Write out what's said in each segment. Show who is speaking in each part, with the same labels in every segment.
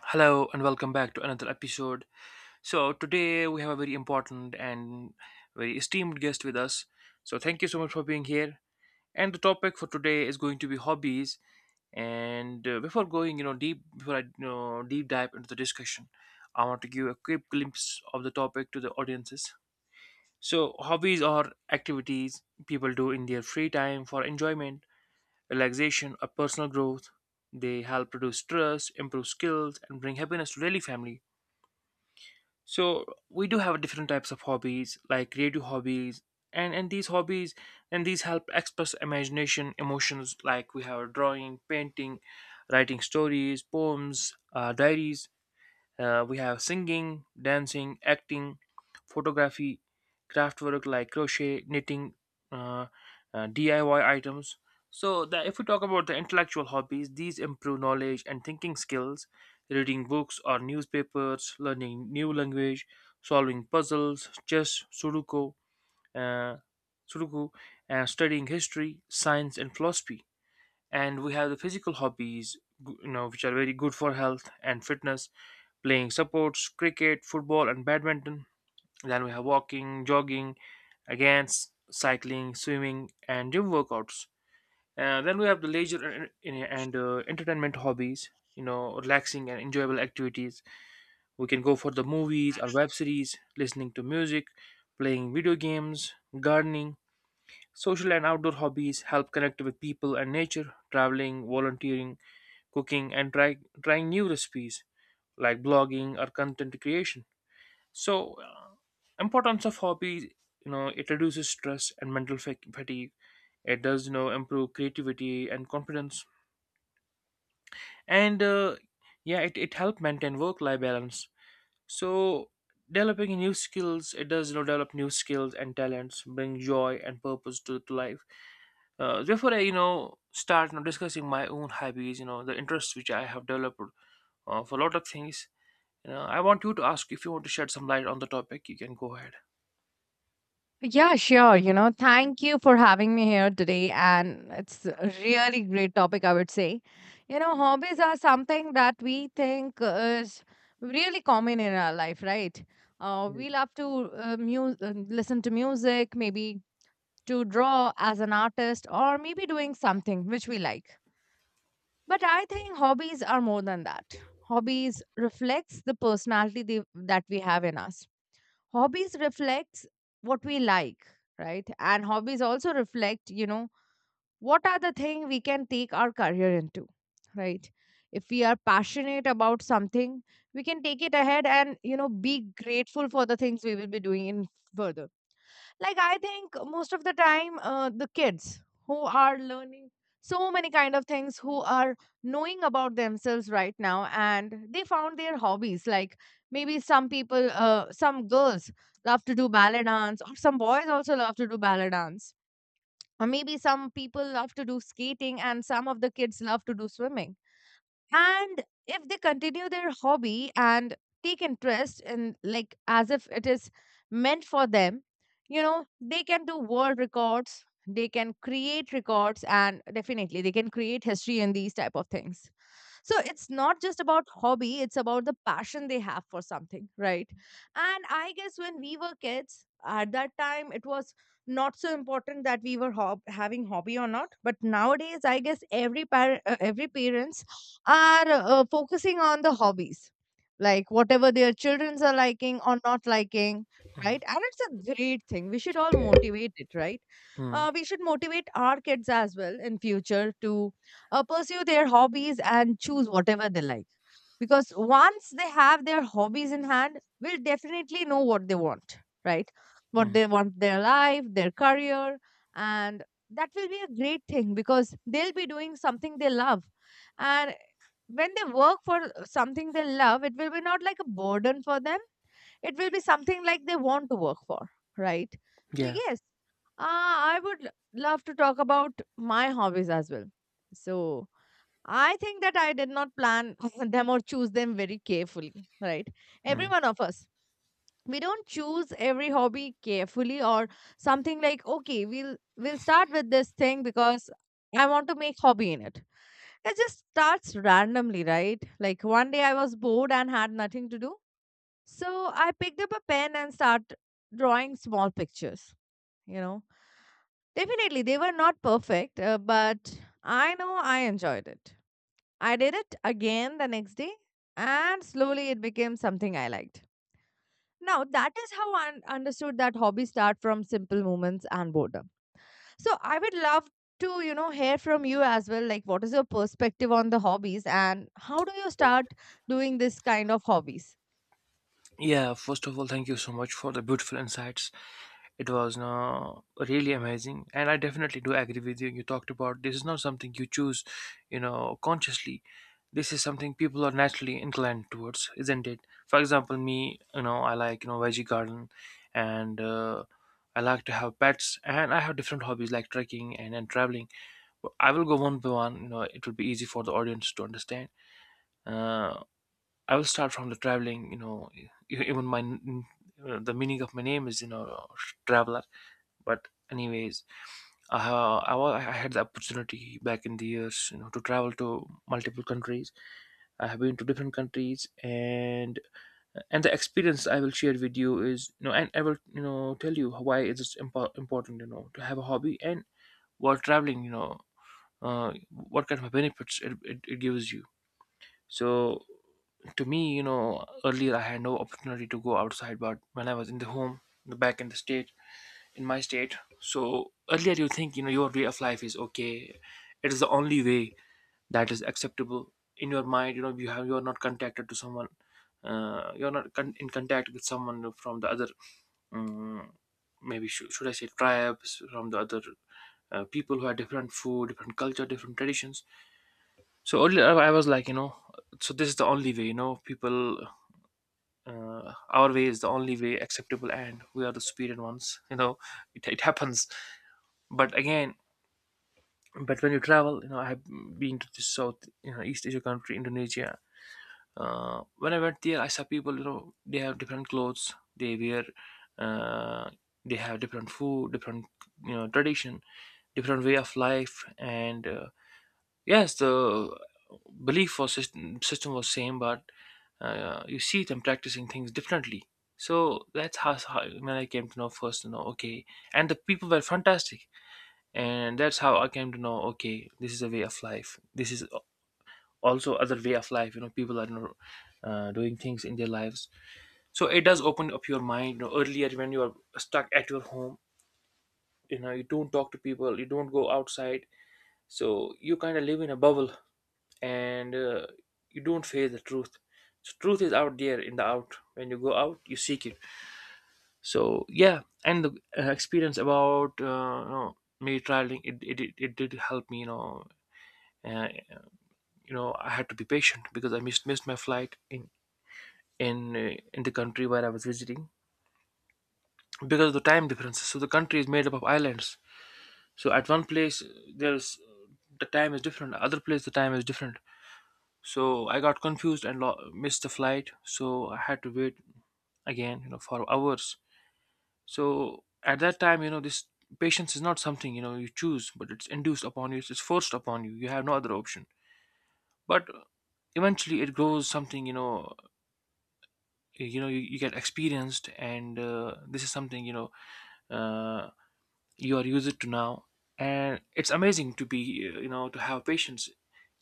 Speaker 1: Hello and welcome back to another episode. So, today we have a very important and very esteemed guest with us. So, thank you so much for being here. And the topic for today is going to be hobbies. And before going, you know, deep before I deep dive into the discussion, I want to give a quick glimpse of the topic to the audiences. So, hobbies are activities people do in their free time for enjoyment, relaxation, or personal growth. They help reduce stress, improve skills, and bring happiness to daily family, so we do have different types of hobbies, like creative hobbies, and these hobbies, and these help express imagination emotions. Like we have drawing, painting, writing stories, poems, diaries, we have singing, dancing, acting, photography, craftwork like crochet, knitting, uh, DIY items. So, the, if we talk about the intellectual hobbies, these improve knowledge and thinking skills. Reading books or newspapers, learning new language, solving puzzles, chess, sudoku, uh, sudoku, and studying history, science, and philosophy. And we have the physical hobbies, you know, which are very good for health and fitness. Playing supports, cricket, football, and badminton. Then we have walking, jogging, against cycling, swimming, and gym workouts. Then we have the leisure and entertainment hobbies, you know, relaxing and enjoyable activities. We can go for the movies or web series, listening to music, playing video games, gardening. Social and outdoor hobbies help connect with people and nature: traveling, volunteering, cooking and trying new recipes, like blogging or content creation. So, importance of hobbies, you know, it reduces stress and mental fatigue. It does, you know, improve creativity and confidence. And yeah, it helps maintain work life balance. So, developing new skills, it does, you know, develop new skills and talents, bring joy and purpose to life. Before I start, you know, discussing my own hobbies, you know, the interests which I have developed for a lot of things. You know, I want you to ask if you want to shed some light on the topic. You can go ahead.
Speaker 2: Yeah, sure. You know, thank you for having me here today. And it's a really great topic, I would say. You know, hobbies are something that we think is really common in our life, right? Uh,
Speaker 1: Mm.
Speaker 2: we love to uh, mu- uh, listen to music, maybe to draw as an artist, or maybe doing something which we like. But I think hobbies are more than that. Hobbies reflects the personality that we have in us. Hobbies reflects what we like, right? And hobbies also reflect, you know, what are the thing we can take our career into, right? If we are passionate about something, we can take it ahead and, you know, be grateful for the things we will be doing in further. Like, I think most of the time, the kids who are learning so many kind of things, who are knowing about themselves right now and they found their hobbies, like maybe some people, some girls love to do ballet dance, or some boys also love to do ballet dance, or maybe some people love to do skating, and some of the kids love to do swimming. And if they continue their hobby and take interest in, like as if it is meant for them, you know, they can do world records, they can create records, and definitely they can create history in these type of things. So it's not just about hobby, it's about the passion they have for something, right? And I guess when we were kids, at that time it was not so important that we were having hobby or not, but nowadays I guess every every parents are focusing on the hobbies, like whatever their childrens are liking or not liking,
Speaker 1: Mm,
Speaker 2: right? And it's a great thing, we should all motivate it, right?
Speaker 1: mm,
Speaker 2: We should motivate our kids as well in future to pursue their hobbies and choose whatever they like. Because once they have their hobbies in hand, we'll definitely know what they want, right? What
Speaker 1: mm.
Speaker 2: they want their life, their career, and that will be a great thing because they'll be doing something they love. And when they work for something they love, it will be not like a burden for them, it will be something like they want to work for, right? So,
Speaker 1: Yeah.
Speaker 2: yes, I would love to talk about my hobbies as well. So, I think that I did not plan them or choose them very carefully, right? Every
Speaker 1: Mm.
Speaker 2: one of us. We don't choose every hobby carefully or something like, okay, we'll start with this thing because I want to make hobby in it. It just starts randomly, right? Like one day I was bored and had nothing to do. So I picked up a pen and start drawing small pictures, you know. Definitely they were not perfect, but I know I enjoyed it. I did it again the next day, and slowly it became something I liked. Now, that is how I understood that hobbies start from simple moments and boredom. So, I would love to, you know, hear from you as well. Like, what is your perspective on the hobbies, and how do you start doing this kind of hobbies?
Speaker 1: Yeah, first of all, thank you so much for the beautiful insights. It was no, really amazing, and I definitely do agree with you. You talked about this is not something you choose, you know, consciously. This is something people are naturally inclined towards, isn't it? For example, me, you know, I like, you know, veggie garden, and I like to have pets, and I have different hobbies like trekking and traveling. I will go one by one. You know, it will be easy for the audience to understand. Uh, I will start from the traveling. You know, even the meaning of my name is, you know, traveler. But anyways, I ha- I, wa- I had the opportunity back in the years, you know, to travel to multiple countries. I have been to different countries, and the experience I will share with you is, you know, and I will, you know, tell you why it is important, you know, to have a hobby. And while traveling, you know, what kind of benefits it gives you. So to me, you know, earlier I had no opportunity to go outside, but when I was in the home, in the back in the state, in my state, so earlier you think, you know, your way of life is okay, it is the only way that is acceptable in your mind. You know, you have, you are not contacted to someone, you're not in contact with someone from the other, um, maybe should I say tribes from the other, people who have different food, different culture, different traditions. So earlier I was like, you know, so this is the only way, you know, people, our way is the only way acceptable, and we are the superior ones. You know, it happens. But again, but when you travel, you know, I have been to the South, you know, East Asia country, Indonesia. When I went there, I saw people, you know, they have different clothes, they wear, uh, they have different food, different, you know, tradition, different way of life, and yes, the belief or system was same, but you see them practicing things differently. So that's how when I came to know first, you know, okay, and the people were fantastic, and that's how I came to know, okay, this is a way of life. This is also other way of life. You know, people are, you know, doing things in their lives, so it does open up your mind. You know, earlier when you are stuck at your home, you know, you don't talk to people, you don't go outside, so you kind of live in a bubble, and you don't face the truth. So truth is out there in the out. When you go out, you seek it. So yeah, and the experience about you know, me traveling, it did help me. Uh, you know, I had to be patient because I missed my flight in in the country where I was visiting because of the time differences. So the country is made up of islands. So at one place, there's, the time is different. Other place, the time is different, so I got confused and missed the flight, so I had to wait again, you know, for hours. So at that time, you know, this patience is not something, you know, you choose, but it's induced upon you, it's forced upon you, you have no other option. But eventually it grows something, you know, you know, you get experienced, and this is something, you know, uh, you are used to now, and it's amazing to be, you know, to have patience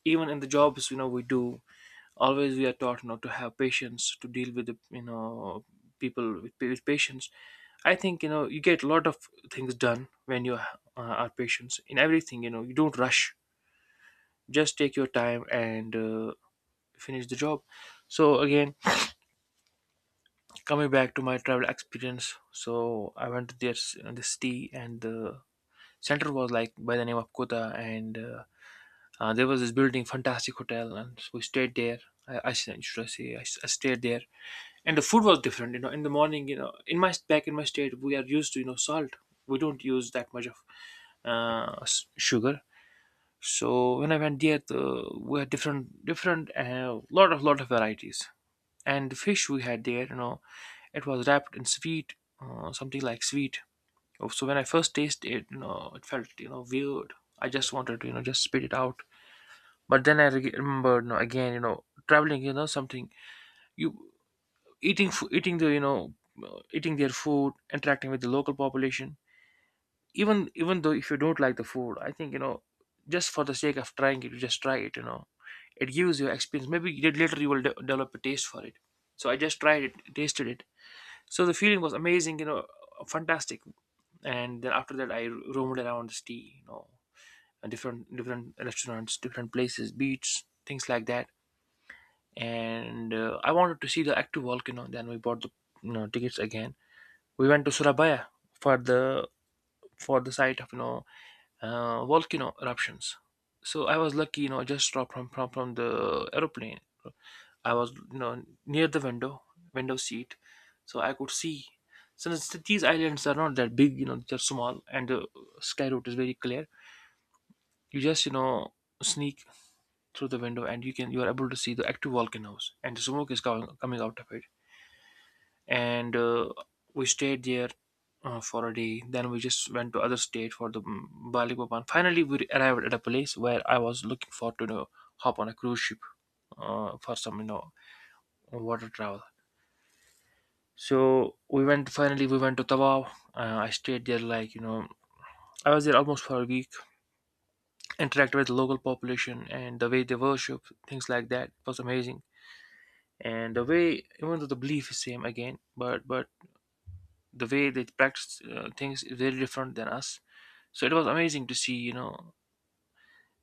Speaker 1: even in the jobs, you know, we do. Always we are taught, you know, to have patience, to deal with the, you know, people with patience. I think, you know, you get a lot of things done when you are patient in everything. You know, you don't rush, just take your time, and finish the job. So again, coming back to my travel experience, so I went to this city, and the center was like by the name of Kota, and there was this building, fantastic hotel, and so we stayed there. I should I say, I stayed there. And the food was different, you know, in the morning, you know, in my back in my state we are used to, you know, salt, we don't use that much of sugar. So when I went there, the, we had different, lot of, varieties. And the fish we had there, you know, it was wrapped in sweet, something like sweet. Oh, so when I first tasted it, you know, it felt, you know, weird. I just wanted to, you know, just spit it out. But then I remembered, you know, again, you know, traveling, you know, something, you, eating the, you know, eating their food, interacting with the local population. Even even though if you don't like the food, I think, you know, just for the sake of trying it, you just try it, you know. It gives you experience, maybe later you will develop a taste for it. So I just tried it, tasted it. So the feeling was amazing, you know, fantastic. And then after that I roamed around the city, you know, and different different restaurants, different places, beach, things like that. And I wanted to see the active volcano, then we bought the, you know, tickets again. We went to Surabaya for the, for the site of, you know, volcano eruptions. So I was lucky, you know, just dropped from from the aeroplane. I was, you know, near the window, window seat, so I could see. Since these islands are not that big, you know, they're small, and the sky route is very clear. You just sneak through the window, and you are able to see the active volcanoes, and the smoke is coming out of it, and we stayed there for a day. Then we just went to other state for the Balikpapan. Finally we arrived at a place where I was looking forward to, hop on a cruise ship, for some water travel. So we went finally we went to Tawau. I stayed there, like, I was there almost for a week. Interacted with the local population, and the way they worship, things like that. It was amazing. And the way, even though the belief is same again, but the way they practice things is very different than us. So it was amazing to see, you know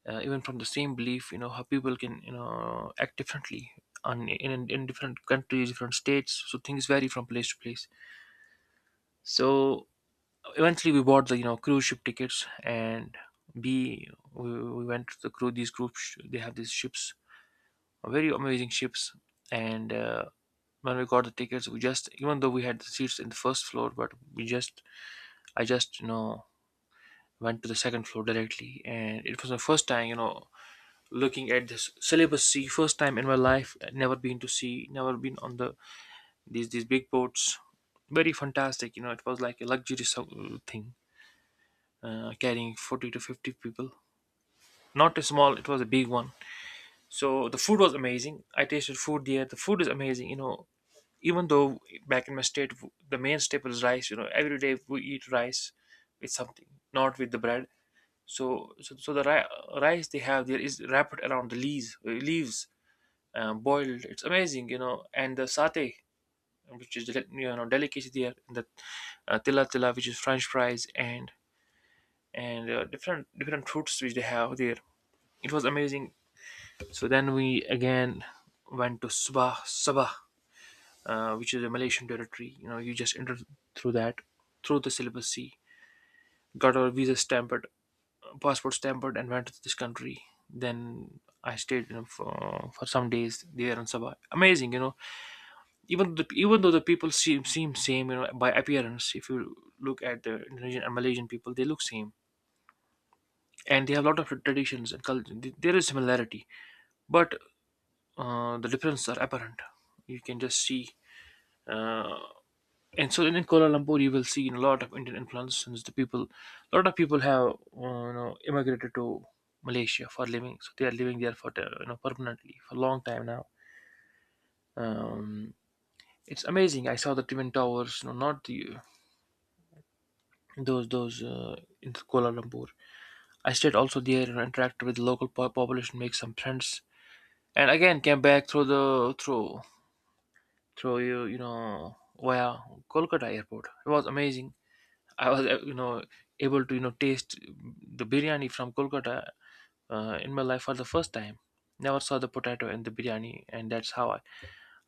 Speaker 1: uh, even from the same belief, how people can, act differently on in different countries, different states. So things vary from place to place. So eventually we bought the, cruise ship tickets, and we went to the cruise. These groups, they have these ships, very amazing ships. And when we got the tickets, we just, even though we had the seats in the first floor, but we just I just, went to the second floor directly. And it was my first time, looking at this syllabus c, first time in my life, never been to c, never been on the these big boats. Very fantastic, you know, it was like a luxury so- thing, carrying 40 to 50 people. Not a small, it was a big one. So the food was amazing. I tasted food there. The food is amazing. You know, even though back in my state, w- the main staple is rice. You know, every day we eat rice with something, not with the bread. So the ri- rice they have there is wrapped around the leaves, leaves, boiled. It's amazing. You know, and the satay, which is deli- delicacy there, and the, tila tila, which is French fries, and and different fruits which they have there. It was amazing. So then we again went to Sabah, which is a Malaysian territory. You know, you just entered through that, through the syllabus C, got our visa stamped, passport stamped, and went to this country. Then I stayed, you know, for some days there in Sabah. Amazing, you know. Even though the people seem same, you know, by appearance. If you look at the Indonesian and Malaysian people, they look same, and they have a lot of traditions and culture. There is similarity, but the differences are apparent. You can just see. Uh, and so in Kuala Lumpur, you will see a lot of Indian influence, since the people, a lot of people have, immigrated to Malaysia for living, so they are living there for permanently for a long time now. Um, it's amazing. I saw the twin towers, you know, not the those in Kuala Lumpur. I stayed also there and interacted with the local po- population, make some friends, and again came back through the, through through you you know via Kolkata airport. It was amazing. I was, you know, able to, you know, taste the biryani from Kolkata in my life for the first time. Never saw the potato in the biryani, and that's how I,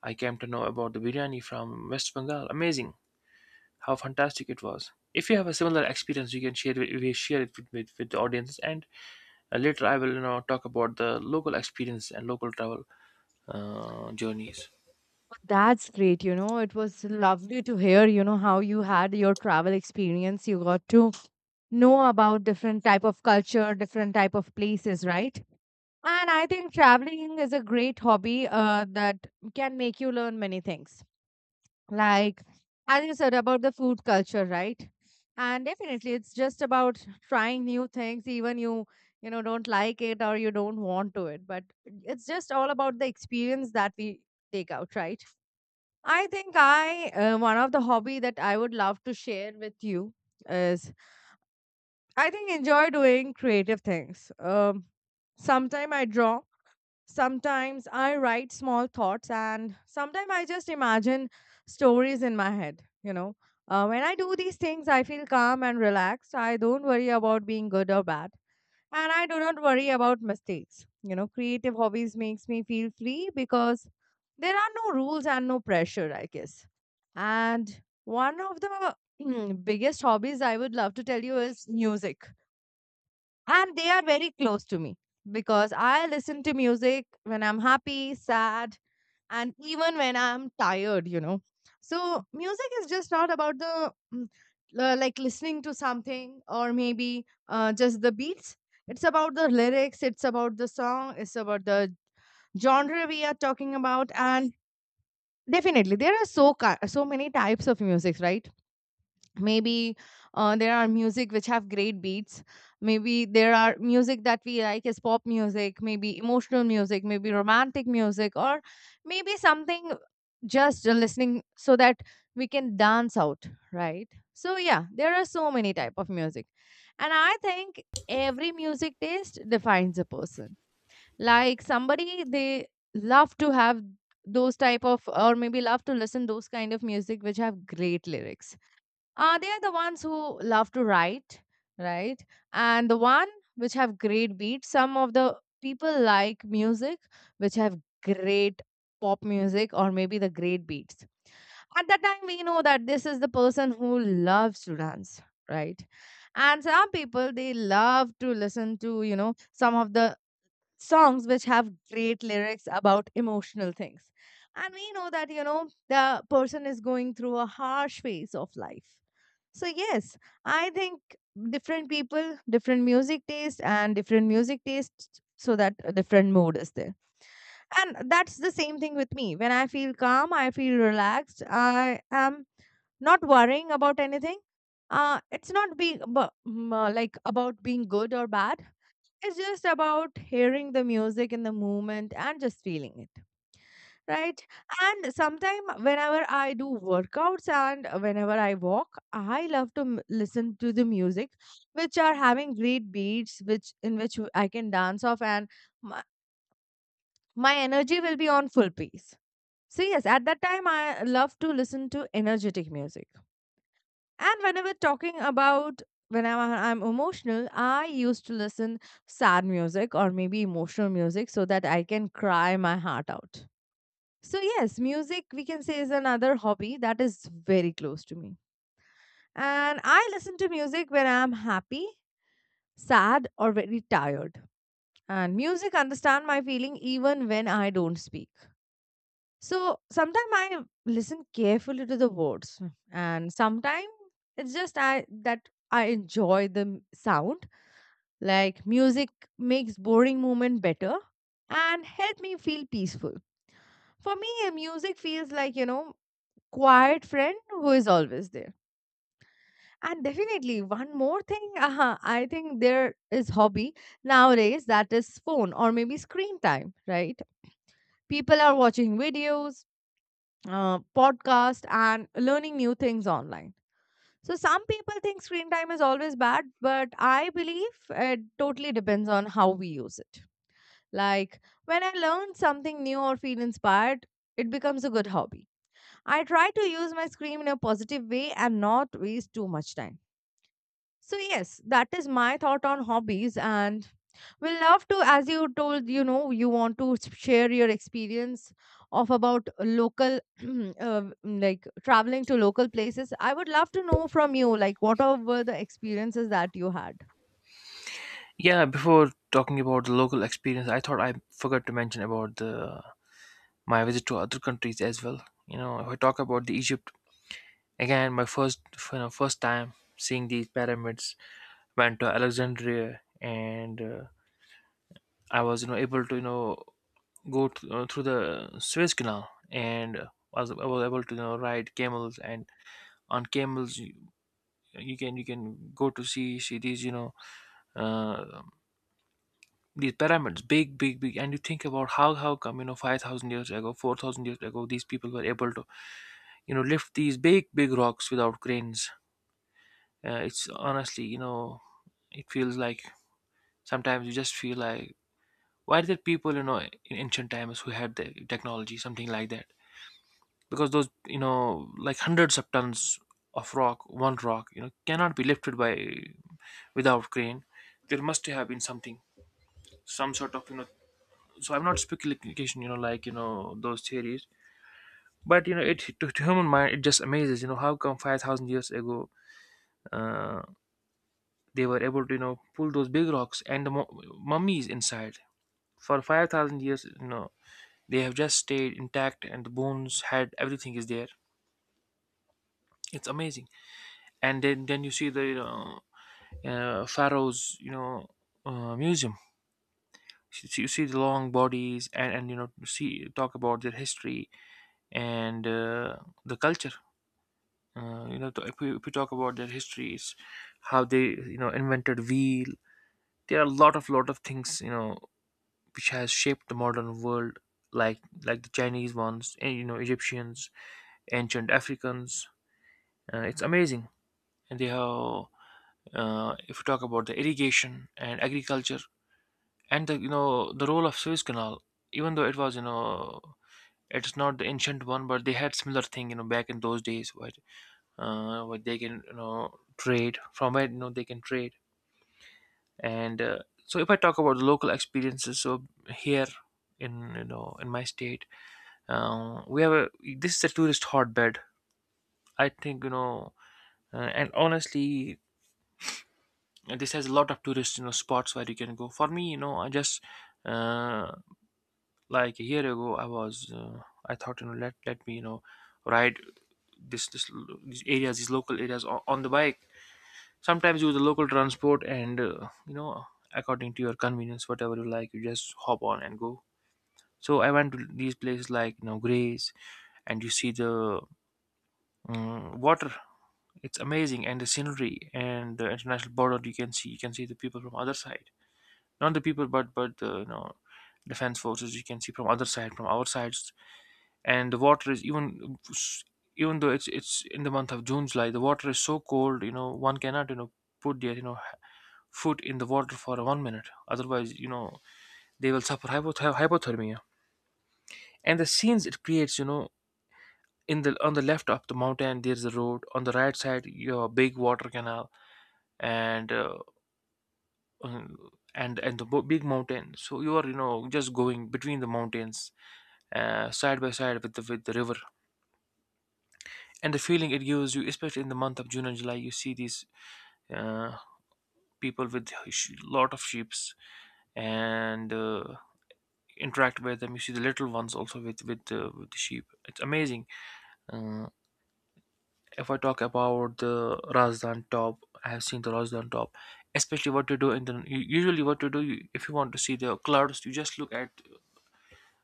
Speaker 1: I came to know about the biryani from West Bengal. Amazing how fantastic it was. If you have a similar experience, you can share wi- we share it with the audience. And later I will, talk about the local experience and local travel journeys.
Speaker 2: That's great. You know, it was lovely to hear, you know, how you had your travel experience. You got to know about different type of culture, different type of places, right? And I think traveling is a great hobby that can make you learn many things. Like, as you said about the food culture, right? And definitely, it's just about trying new things, even you you know don't like it or you don't want to it. But it's just all about the experience that we take out, right? I think I one of the hobby that I would love to share with you is I think enjoy doing creative things. Sometime I draw. Sometimes I write small thoughts, and sometimes I just imagine stories in my head. You know, when I do these things, I feel calm and relaxed. I don't worry about being good or bad, and I do not worry about mistakes. You know, creative hobbies makes me feel free because there are no rules and no pressure, I guess. And one of the biggest hobbies I would love to tell you is music, and they are very close to me because I listen to music when I'm happy, sad, and even when I'm tired, you know. So, music is just not about the like listening to something, or maybe just the beats. It's about the lyrics, it's about the song, it's about the genre we are talking about. And definitely, there are so, so many types of music, right? Maybe there are music which have great beats, maybe there are music that we like is pop music, maybe emotional music, maybe romantic music, or maybe something just listening so that we can dance out, right? So yeah, there are so many type of music, and I think every music taste defines a person. Like somebody, they love to have those type of, or maybe love to listen those kind of music which have great lyrics. They are the ones who love to write, right? And the one which have great beats, some of the people like music which have great pop music or maybe the great beats, at that time we know that this is the person who loves to dance, right? And some people, they love to listen to, you know, some of the songs which have great lyrics about emotional things, and we know that, you know, the person is going through a harsh phase of life. So, yes, I think different people, different music taste, and different music tastes so that a different mood is there. And that's the same thing with me. When I feel calm, I feel relaxed, I am not worrying about anything. It's not being like about being good or bad. It's just about hearing the music in the moment and just feeling it. Right. And sometime whenever I do workouts and whenever I walk, I love to listen to the music, which are having great beats, which I can dance off, and my, my energy will be on full pace. So yes, at that time I love to listen to energetic music. And whenever talking about, whenever I'm emotional, I used to listen sad music or maybe emotional music so that I can cry my heart out. So yes, music we can say is another hobby that is very close to me. And I listen to music when I'm happy, sad or very tired. And music understand my feeling even when I don't speak. So sometimes I listen carefully to the words, and sometimes it's just I enjoy the sound. Like music makes boring moment better and help me feel peaceful. For me, music feels like, you know, quiet friend who is always there. And definitely one more thing, I think there is hobby nowadays that is phone or maybe screen time, right? People are watching videos, podcast and learning new things online. So some people think screen time is always bad, but I believe it totally depends on how we use it. Like, when I learn something new or feel inspired, it becomes a good hobby. I try to use my screen in a positive way and not waste too much time. So yes, that is my thought on hobbies, and we love to, as you told, you know, you want to share your experience of about local like traveling to local places. I would love to know from you like what were the experiences that you had.
Speaker 1: Yeah, before talking about the local experience, I thought I forgot to mention about the my visit to other countries as well. You know, if I talk about the Egypt, again, my first, first time seeing these pyramids, went to Alexandria, and I was, able to, you know, go through the Suez Canal, and was I was able to, you know, ride camels. And on camels, you can, go to see these, you know, uh, these pyramids, big big big, and you think about how come, you know, 5,000 years ago, 4,000 years ago, these people were able to, you know, lift these big big rocks without cranes. It's honestly, you know, it feels like, sometimes you just feel like, why did people, you know, in ancient times, who had the technology, something like that, because those, you know, like hundreds of tons of rock, one rock, you know, cannot be lifted, by, without crane. There must have been something, some sort of, you know. So I'm not speculation, you know, like, you know, those theories. But, you know, it to human mind it just amazes, you know, how come 5,000 years ago, uh, they were able to, you know, pull those big rocks, and the mu- mummies inside, for 5,000 years, you know, they have just stayed intact, and the bones had, everything is there. It's amazing. And then you see the, you know, pharaohs, you know, museum. So you see the long bodies, and, you know, see, talk about their history, and the culture. You know, to- if we talk about their histories, how they, you know, invented wheel. There are a lot of things, you know, which has shaped the modern world, like, the Chinese ones, and, you know, Egyptians, ancient Africans. It's amazing. And they have, if you talk about the irrigation and agriculture, and the, you know, the role of Suez Canal. Even though it was, you know, it's not the ancient one, but they had similar thing, you know, back in those days, where they can, you know, trade from, where, you know, they can trade. And so if I talk about the local experiences, so here, in, you know, in my state, we have a, this is a tourist hotbed. I think, you know, and honestly, this has a lot of tourist, you know, spots where you can go. For me, you know, I just, uh, like a year ago, I was, I thought, you know, let me, you know, ride these areas, these local areas on the bike. Sometimes use the local transport, and you know, according to your convenience, whatever you like, you just hop on and go. So I went to these places, like, you know, Grays, and you see the, water. It's amazing, and the scenery, and the international border you can see. You can see the people from other side, not the people, but the, you know, defense forces. You can see from other side, from our sides, and the water is even though it's in the month of June, July, the water is so cold. You know, one cannot, you know, put their, you know, foot in the water for 1 minute. Otherwise, you know, they will suffer hypoth- hypothermia. And the scenes it creates, you know, in the on the left of the mountain, there's a road. On the right side, your big water canal, and uh, and the bo- big mountain, so you are, you know, just going between the mountains, side by side with the river, and the feeling it gives you, especially in the month of June and July. You see these, uh, people with sh- lot of sheeps, and interact with them. You see the little ones also with the sheep. It's amazing. uh, if I talk about the Razdan Top, I have seen the Razdan Top. Especially what you do in the u- usually what you do, if you want to see the clouds, you just look at,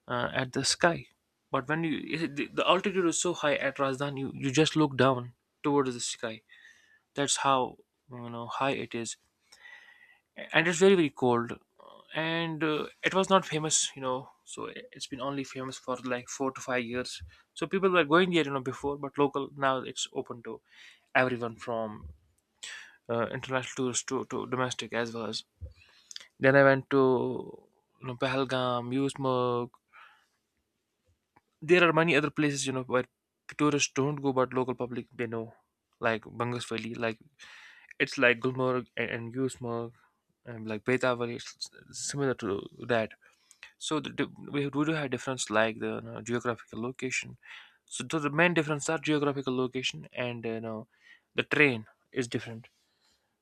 Speaker 1: at the sky. But when you it- the altitude is so high at Rajdhani, you just look down towards the sky. That's how, you know, high it is, and it's very very cold. And it was not famous, you know, so it- it's been only famous for like 4 to 5 years. So people were going there, you know, before, but local, now it's open to everyone, from international tourists to, domestic as well as. Then I went to, you know, Pahalgam, Yusmuk. There are many other places, you know, where tourists don't go, but local public they know, like Bangas Valley, like, it's like Gulmarg and, Yusmarg, and like Betavali. It's similar to that. So we do have difference, like the, you know, geographical location. So the main difference are geographical location, and you know, the terrain is different.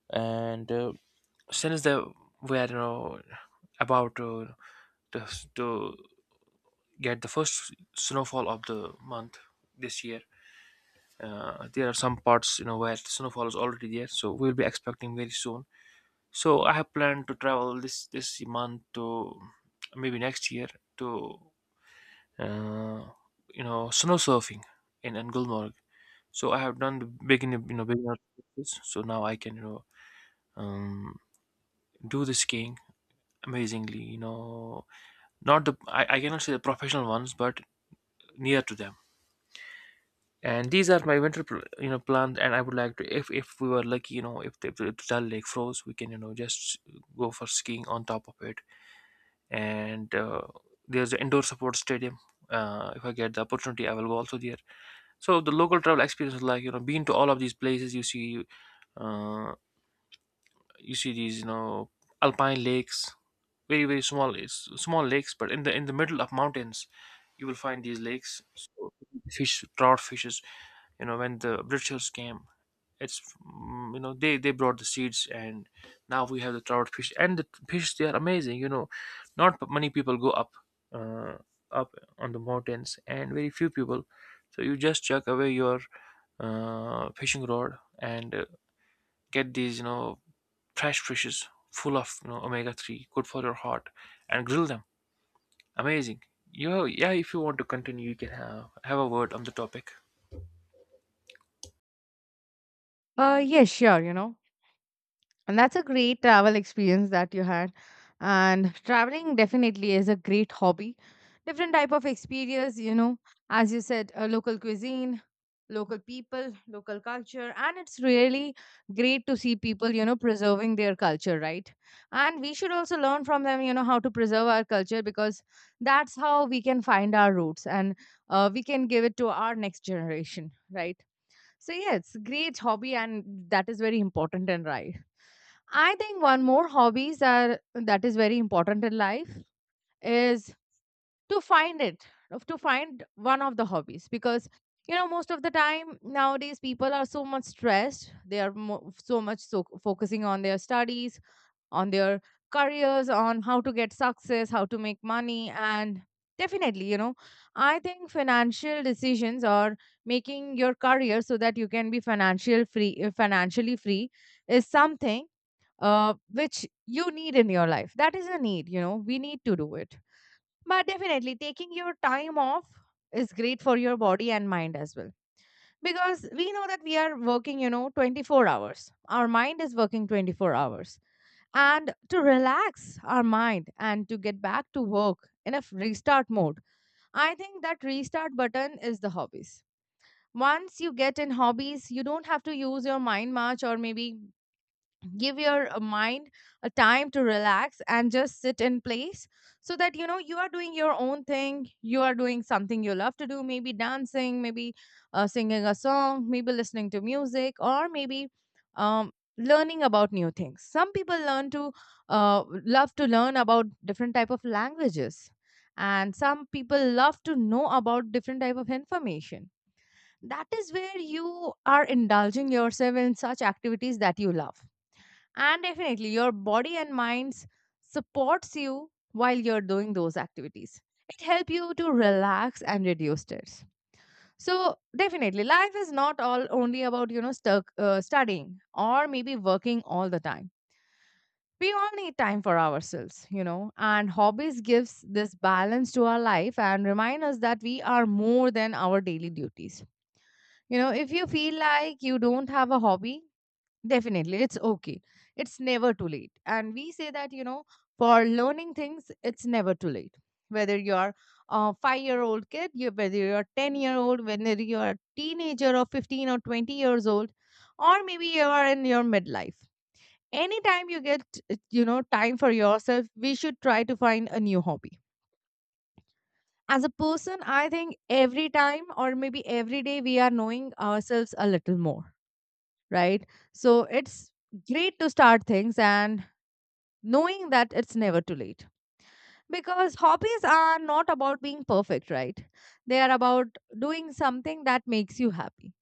Speaker 1: And since they were, you know, about to, to to get the first snowfall of the month this year. There are some parts, you know, where snowfall is already there, so we'll be expecting very soon. So I have planned to travel this month, to maybe next year, to uh, you know, snow surfing in, Gulmarg. So I have done the beginner, beginner courses, so now I can, you know, um, do the skiing amazingly. You know, not the, I cannot say the professional ones, but near to them. And these are my winter pl- plans, and I would like to, if we were lucky, you know, if the Dal Lake froze, we can, you know, just go for skiing on top of it. And there's an indoor support stadium. If I get the opportunity, I will go also there. So the local travel experience is like, you know, being to all of these places. You see, uh, you see these, you know, alpine lakes, very very small. It's small lakes, but in the middle of mountains you will find these lakes. So fish, trout fishes, you know, when the Britishers came, it's, you know, they brought the seeds, and now we have the trout fish, and the fish, they are amazing. You know, not many people go up, uh, up on the mountains, and very few people. So you just chuck away your, fishing rod, and get these, you know, fresh fishes full of, you know, omega-3, good for your heart, and grill them. Amazing. You Yeah, if you want to continue, you can have a word on the topic.
Speaker 2: Yeah, sure, you know. And that's a great travel experience that you had. And traveling definitely is a great hobby. Different type of experience, you know, as you said, local cuisine, local people, local culture, and it's really great to see people, you know, preserving their culture, right? And we should also learn from them, you know, how to preserve our culture because that's how we can find our roots and we can give it to our next generation, right? So yeah, it's a great hobby and that is very important in life. I think one more hobbies are that is very important in life is to find it to find one of the hobbies, because, you know, most of the time nowadays people are so much stressed, they are so much so focusing on their studies, on their careers, on how to get success, how to make money. And definitely, you know, I think financial decisions or making your career so that you can be financial free, financially free is something which you need in your life. That is a need, you know, we need to do it. But definitely, taking your time off is great for your body and mind as well, because we know that we are working, you know, 24 hours, our mind is working 24 hours, and to relax our mind and to get back to work in a restart mode. I think that restart button is the hobbies. Once you get in hobbies, you don't have to use your mind much, or maybe give your mind a time to relax and just sit in place, so that, you know, you are doing your own thing, you are doing something you love to do, maybe dancing, maybe singing a song, maybe listening to music, or maybe um, learning about new things. Some people learn to love to learn about different type of languages, and some people love to know about different type of information. That is where you are indulging yourself in such activities that you love, and definitely your body and minds supports you while you're doing those activities. It helps you to relax and reduce stress. So definitely life is not all only about, you know, stuck studying or maybe working all the time. We all need time for ourselves, you know, and hobbies gives this balance to our life and remind us that we are more than our daily duties. You know, if you feel like you don't have a hobby, definitely, it's okay. It's never too late. And we say that, you know, for learning things, it's never too late. Whether you're a 5-year old kid, you, whether you're a 10-year year old, whether you're a teenager of 15 or 20 years old, or maybe you are in your midlife. Anytime you get, you know, time for yourself, we should try to find a new hobby. As a person, I think every time or maybe every day we are knowing ourselves a little more, right? So it's great to start things and knowing that it's never too late. Because hobbies are not about being perfect, right? They are about doing something that makes you happy.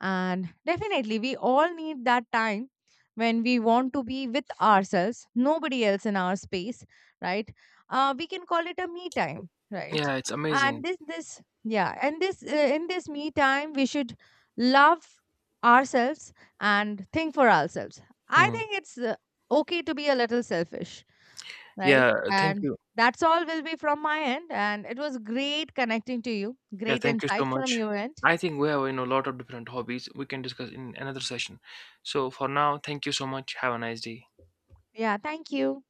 Speaker 2: And definitely, we all need that time when we want to be with ourselves, nobody else in our space, right? We can call it a me time, right?
Speaker 1: Yeah, it's
Speaker 2: And
Speaker 1: amazing.
Speaker 2: this, in this me time, we should love ourselves and think for ourselves. I
Speaker 1: Hmm.
Speaker 2: think it's okay to be a little selfish, right?
Speaker 1: Yeah, thank
Speaker 2: And
Speaker 1: you.
Speaker 2: that's all will be from my end. And it was great connecting to you,
Speaker 1: Yeah,
Speaker 2: great
Speaker 1: thank you so
Speaker 2: insights from
Speaker 1: much.
Speaker 2: your end.
Speaker 1: I think we have, you know, a lot of different hobbies we can discuss in another session. So for now, thank you so much. Have a nice day.
Speaker 2: Yeah, thank you.